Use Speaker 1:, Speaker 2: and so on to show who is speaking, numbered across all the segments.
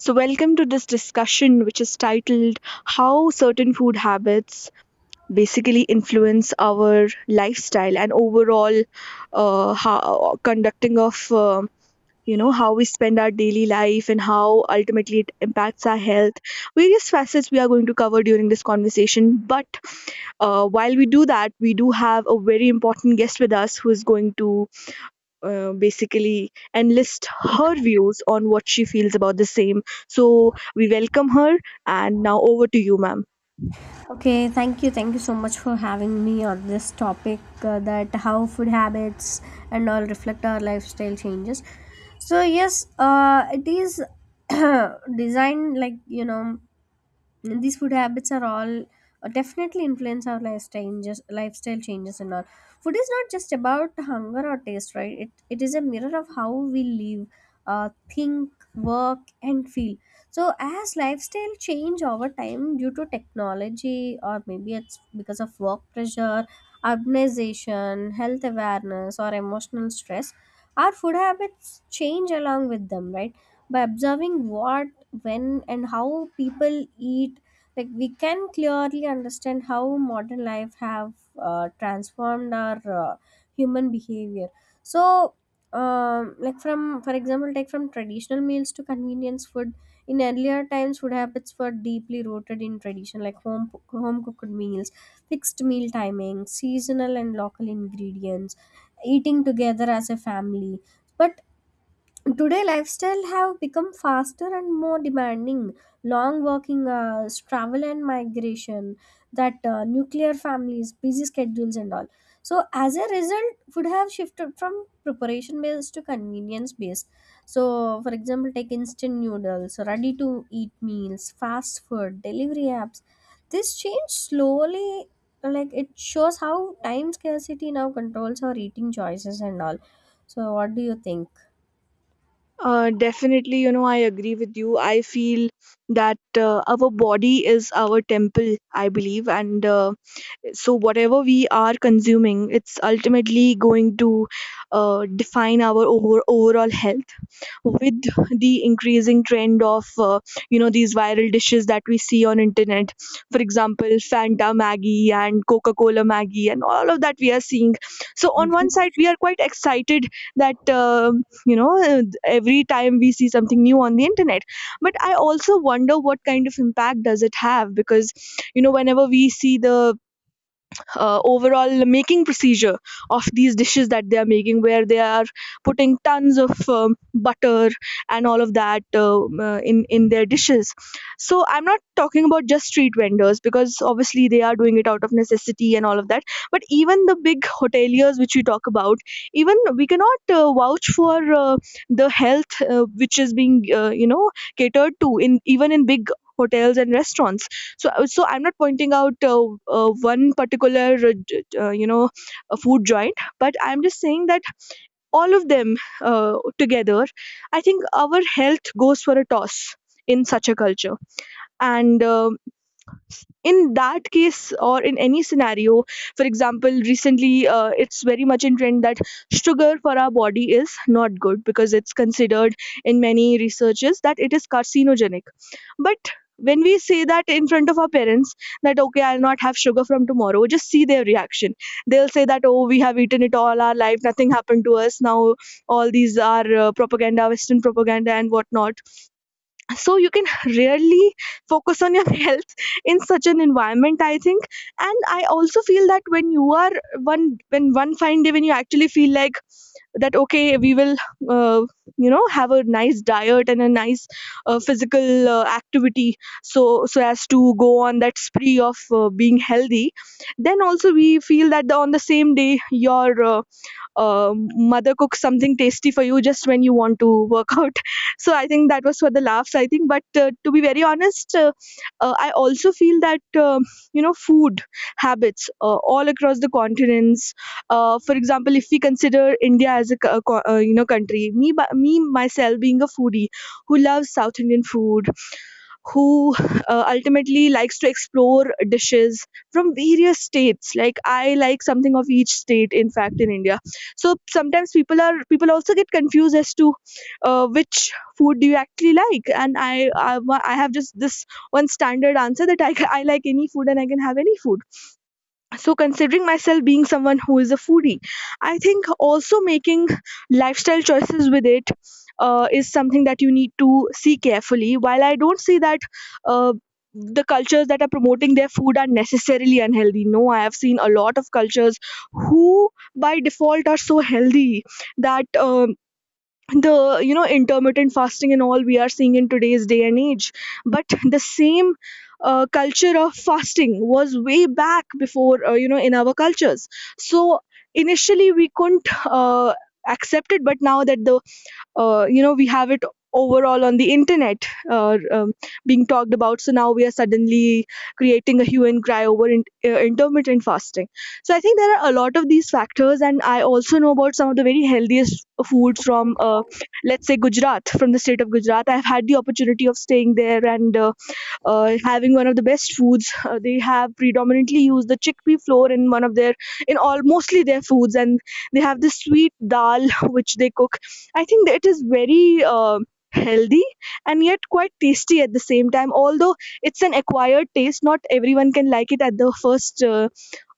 Speaker 1: So, welcome to this discussion, which is titled how certain food habits basically influence our lifestyle and overall how, conducting of. You know how we spend our daily life and how ultimately it impacts our health, various facets we are going to cover during this conversation. But while we do that, we do have a very important guest with us who is going to basically and list her views on what she feels about the same. So we welcome her, and now over to you, ma'am.
Speaker 2: Okay, thank you. Thank you so much for having me on this topic, that how food habits and all reflect our lifestyle changes. So, yes, it is designed, like, you know, and these food habits are all definitely influence our lifestyle changes and all. Food is not just about hunger or taste, right? It is a mirror of how we live, think, work, and feel. So as lifestyle change over time due to technology, or maybe it's because of work pressure, urbanization, health awareness, or emotional stress. Our food habits change along with them, right? By observing what, when, and how people eat, like, we can clearly understand how modern life have transformed our human behavior. So, like, from, for example, take, from traditional meals to convenience food. In earlier times, food habits were deeply rooted in tradition, like home cooked meals, fixed meal timing, seasonal and local ingredients, eating together as a family. But today, lifestyle have become faster and more demanding. Long working hours, travel and migration, that nuclear families, busy schedules and all. So as a result, food have shifted from preparation based to convenience based. So for example, take instant noodles, ready to eat meals, fast food delivery apps. This change slowly, like, it shows how time scarcity now controls our eating choices and all. So what do you think?
Speaker 1: Definitely, you know, I agree with you. I feel that our body is our temple, I believe, and so whatever we are consuming, it's ultimately going to define our overall health with the increasing trend of you know, these viral dishes that we see on internet, for example, fanta maggie and coca-cola maggie and all of that we are seeing. So on one side we are quite excited that you know, every time we see something new on the internet, but I also wonder what kind of impact does it have, because you know, whenever we see the overall making procedure of these dishes that they are making, where they are putting tons of butter and all of that, in their dishes. So I'm not talking about just street vendors, because obviously they are doing it out of necessity and all of that, but even the big hoteliers which we talk about, even we cannot vouch for uh, the health which is being you know, catered to in even in big hotels and restaurants. So so I'm not pointing out one particular you know, a food joint, but I'm just saying that all of them together, I think our health goes for a toss in such a culture. And in that case or in any scenario, for example, recently it's very much in trend that sugar for our body is not good, because it's considered in many researches that it is carcinogenic. But when we say that in front of our parents that okay, I'll not have sugar from tomorrow, just see their reaction. They'll say that, oh, we have eaten it all our life, nothing happened to us. Now all these are propaganda, western propaganda and whatnot. So you can really focus on your health in such an environment, I think. And I also feel that when you are one when one fine day when you actually feel like that okay, we will uh, you know, have a nice diet and a nice physical activity, so so as to go on that spree of being healthy, then also we feel that on the same day your mother cooks something tasty for you just when you want to work out. So I think that was for the laughs, I think. But to be very honest, I also feel that, um you know, food habits all across the continents. For example, if we consider India as a, you know, country, me, myself being a foodie who loves South Indian food, who ultimately likes to explore dishes from various states. Like I like something of each state, in fact, in India. So sometimes people are, people also get confused as to which food do you actually like. And I have just this one standard answer that I, I like any food and I can have any food. So considering myself being someone who is a foodie, I think also making lifestyle choices with it is something that you need to see carefully. While I don't see that uh, the cultures that are promoting their food are necessarily unhealthy, no, I have seen a lot of cultures who by default are so healthy that the, you know, intermittent fasting and all we are seeing in today's day and age, but the same culture of fasting was way back before, you know, in our cultures. So initially we couldn't accept it, but now that the you know, we have it overall on the internet uh, um, being talked about, so now we are suddenly creating a hue and cry over intermittent fasting. So I think there are a lot of these factors. And I also know about some of the very healthiest foods from let's say Gujarat, from the state of Gujarat. I've had the opportunity of staying there and having one of the best foods. They have predominantly used the chickpea flour in one of their, in all mostly their foods, and they have this sweet dal which they cook. I think that it is very healthy and yet quite tasty at the same time. Although it's an acquired taste, not everyone can like it at the first uh,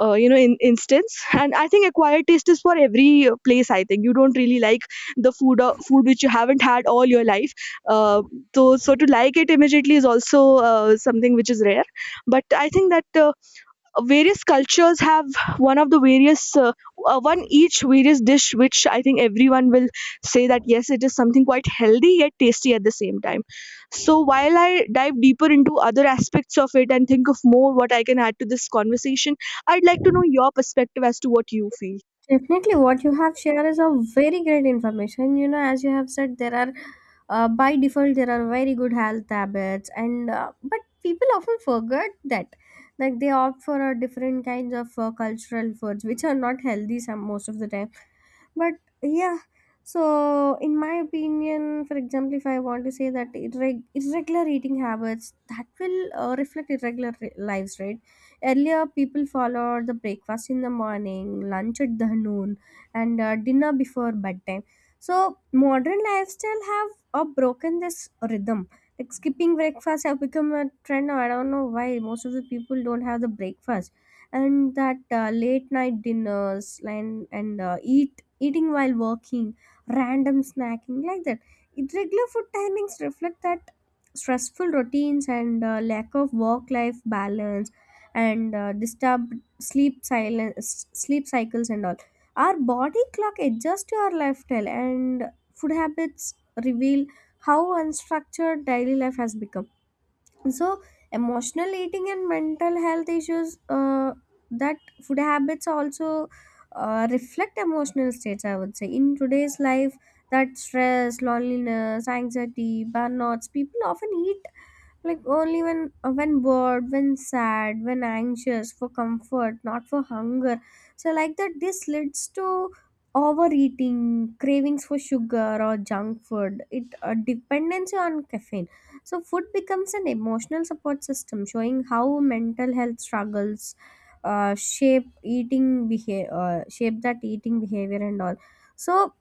Speaker 1: uh, you know, in instance. And I think acquired taste is for every place, I think. You don't really like the food, food which you haven't had all your life, uh, so so to like it immediately is also something which is rare. But I think that various cultures have one of the various one each various dish which I think everyone will say that yes, it is something quite healthy yet tasty at the same time. So while I dive deeper into other aspects of it and think of more what I can add to this conversation, I'd like to know your perspective as to what you feel.
Speaker 2: Definitely, what you have shared is a very great information. You know, as you have said, there are, by default, there are very good health habits, and but people often forget that, like, they opt for a different kinds of cultural foods which are not healthy some most of the time. But yeah, so in my opinion, for example, if I want to say that irregular eating habits, that will reflect lives, right? Earlier people followed the breakfast in the morning, lunch at the noon, and dinner before bedtime. So modern lifestyle have broken this rhythm. Like, skipping breakfast have become a trend now. I don't know why most of the people don't have the breakfast. And that late night dinners, and eating while working, random snacking, like that. It regular food timings reflect that stressful routines and lack of work life balance, and disturbed sleep, silence sleep cycles and all. Our body clock adjusts to our lifestyle, and food habits reveal how unstructured daily life has become. So emotional eating and mental health issues, that food habits also reflect emotional states, I would say, in today's life. That stress, loneliness, anxiety, burnouts, people often eat, like, only when bored, when sad, when anxious, for comfort, not for hunger. So, like that, this leads to overeating, cravings for sugar or junk food, it a dependency on caffeine. So food becomes an emotional support system, showing how mental health struggles shape that eating behavior and all. So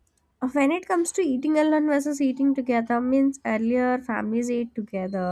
Speaker 2: when it comes to eating alone versus eating together, means earlier families ate together,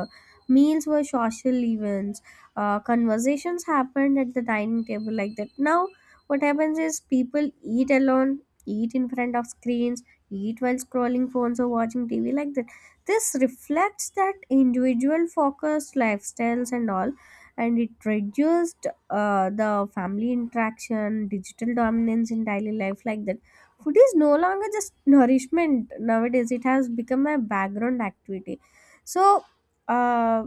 Speaker 2: meals were social events, conversations happened at the dining table, like that. Now what happens is people eat alone, eat in front of screens, eat while scrolling phones or watching tv, like that. This reflects that individual focused lifestyles and all, and it reduced the family interaction, digital dominance in daily life, like that. Food is no longer just nourishment nowadays, it has become a background activity. so uh,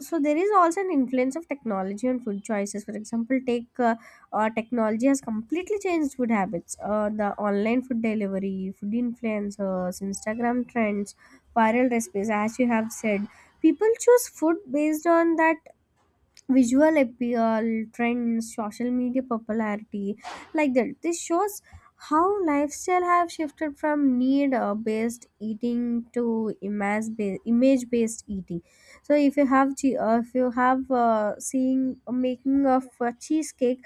Speaker 2: so there is also an influence of technology on food choices. For example, take technology has completely changed food habits. The online food delivery, food influencers, Instagram trends, viral recipes, as you have said, people choose food based on that visual appeal, trends, social media popularity, like that. This shows how lifestyle have shifted from need based eating to image based eating. So if you have if you have seeing a making of a cheesecake,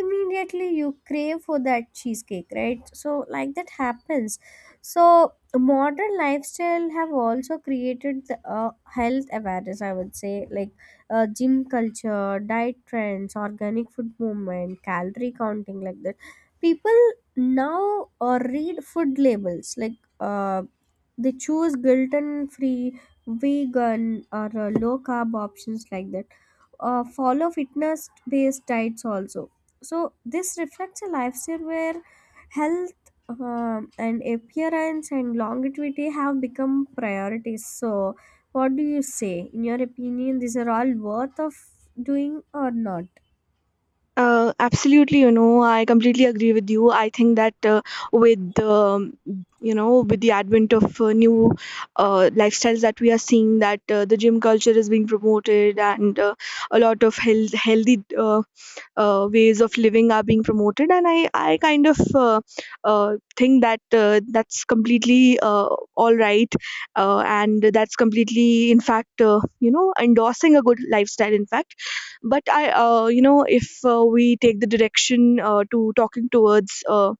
Speaker 2: immediately you crave for that cheesecake, right? So like that happens. So modern lifestyle have also created the, health awareness, I would say, like gym culture, diet trends, organic food movement, calorie counting, like that. People now read food labels, like they choose gluten free, vegan, or low carb options, like that. Follow fitness based diets also. So, this reflects a lifestyle where health and appearance and longevity have become priorities. So, what do you say? In your opinion, these are all worth of doing or not?
Speaker 1: Uh, absolutely, you know, I completely agree with you. I think that with the, you know, with the advent of new lifestyles that we are seeing, that the gym culture is being promoted, and a lot of healthy ways of living are being promoted. And I kind of uh, think that that's completely all right, and that's completely, in fact, you know, endorsing a good lifestyle, in fact. But I you know, if we take the direction to talking towards uh,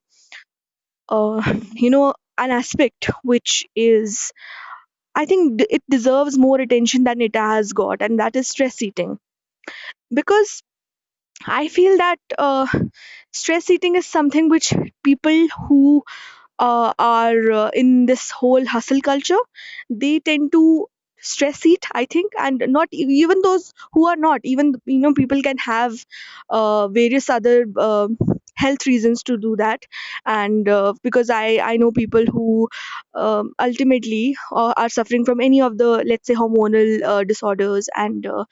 Speaker 1: uh, you know, an aspect which is, I think, it deserves more attention than it has got, and that is stress eating. Because I feel that stress eating is something which people who are in this whole hustle culture, they tend to stress eat, I think. And not even those who are not, even you know, people can have various other health reasons to do that. And because I know people who ultimately are suffering from any of the, let's say, hormonal disorders. And uh,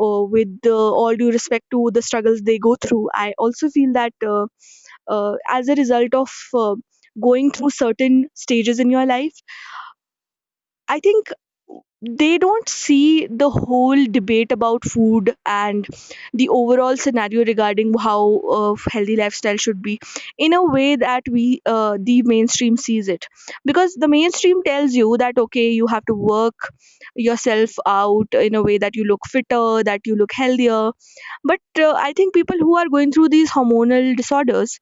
Speaker 1: uh, with all due respect to the struggles they go through, I also feel that as a result of going through certain stages in your life, I think they don't see the whole debate about food and the overall scenario regarding how healthy lifestyle should be, in a way that we the mainstream sees it. Because the mainstream tells you that okay, you have to work yourself out in a way that you look fitter, that you look healthier. But I think people who are going through these hormonal disorders,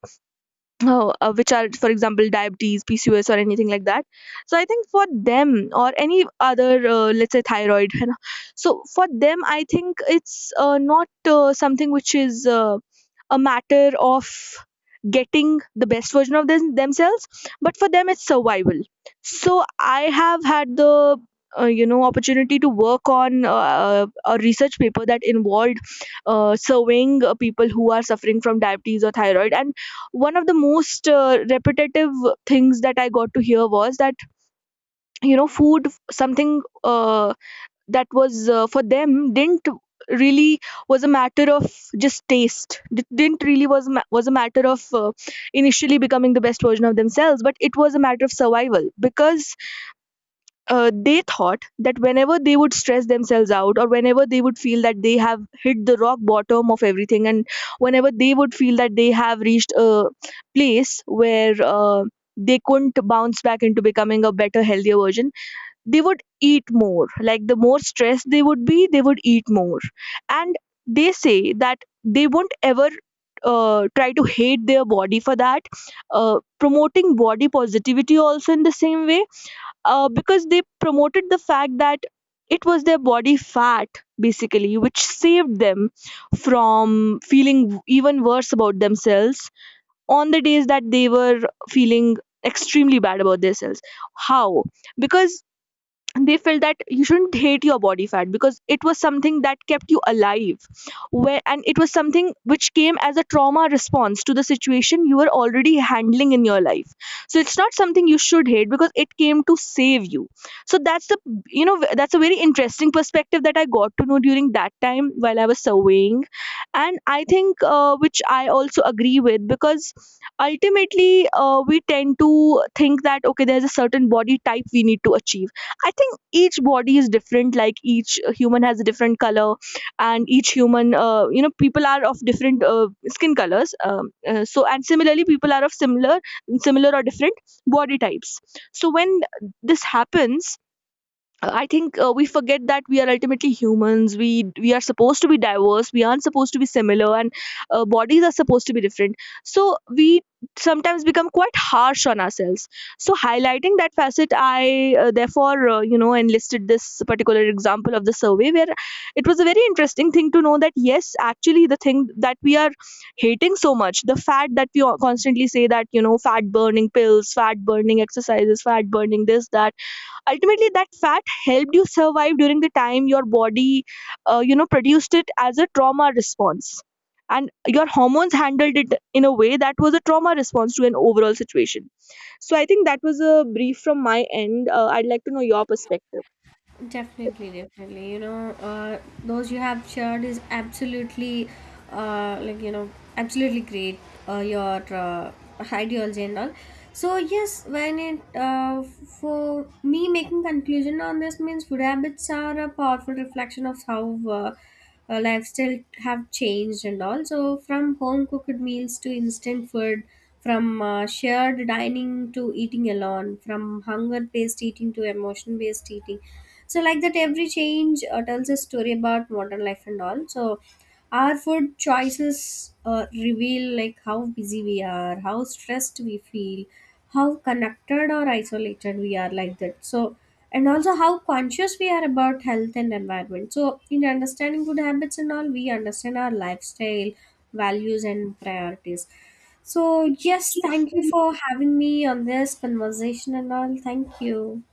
Speaker 1: which are, for example, diabetes, PCOS, or anything like that, so I think for them or any other, let's say, thyroid, you know, so for them, I think it's not something which is. A matter of getting the best version of themselves, but for them it's survival. So I have had the you know, opportunity to work on a research paper that involved surveying people who are suffering from diabetes or thyroid. And one of the most repetitive things that I got to hear was that you know, food, something that was for them, didn't really was a matter of just taste. Didn't really was was a matter of initially becoming the best version of themselves, but it was a matter of survival. Because they thought that whenever they would stress themselves out, or whenever they would feel that they have hit the rock bottom of everything, and whenever they would feel that they have reached a place where they couldn't bounce back into becoming a better, healthier version, they would eat more. Like the more stressed they would be, they would eat more. And they say that they won't ever try to hate their body for that, promoting body positivity also in the same way, because they promoted the fact that it was their body fat, basically, which saved them from feeling even worse about themselves on the days that they were feeling extremely bad about themselves. How? Because they felt that you shouldn't hate your body fat, because it was something that kept you alive. Where, and it was something which came as a trauma response to the situation you were already handling in your life. So it's not something you should hate, because it came to save you. So that's the, you know, that's a very interesting perspective that I got to know during that time while I was surveying. And I think, which I also agree with, because ultimately we tend to think that okay, there's a certain body type we need to achieve. I think each body is different. Like each human has a different color, and each human, you know, people are of different skin colors. So and similarly, people are of similar or different body types. So when this happens, I think we forget that we are ultimately humans. We are supposed to be diverse. We aren't supposed to be similar, and bodies are supposed to be different. So we sometimes become quite harsh on ourselves. So highlighting that facet, I therefore you know, enlisted this particular example of the survey where it was a very interesting thing to know that yes, actually, the thing that we are hating so much, the fat that we all constantly say that, you know, fat burning pills, fat burning exercises, fat burning this that, ultimately that fat helped you survive during the time your body you know, produced it as a trauma response, and your hormones handled it in a way that was a trauma response to an overall situation. So I think that was a brief from my end. Uh, I'd like to know your perspective.
Speaker 2: Definitely, definitely. You know, those you have shared is absolutely, like, you know, absolutely great. Your ideology and all. So yes, when it for me making conclusion on this means food habits are a powerful reflection of how. Uh, Lifestyle have changed and all. So from home cooked meals to instant food, from shared dining to eating alone, from hunger based eating to emotion based eating. So like that, every change tells a story about modern life and all. So our food choices reveal like how busy we are, how stressed we feel, how connected or isolated we are, like that. So, and also how conscious we are about health and environment. So in understanding good habits and all, we understand our lifestyle values and priorities. So yes,
Speaker 1: The
Speaker 2: thank you for having me on this conversation and all. Thank you.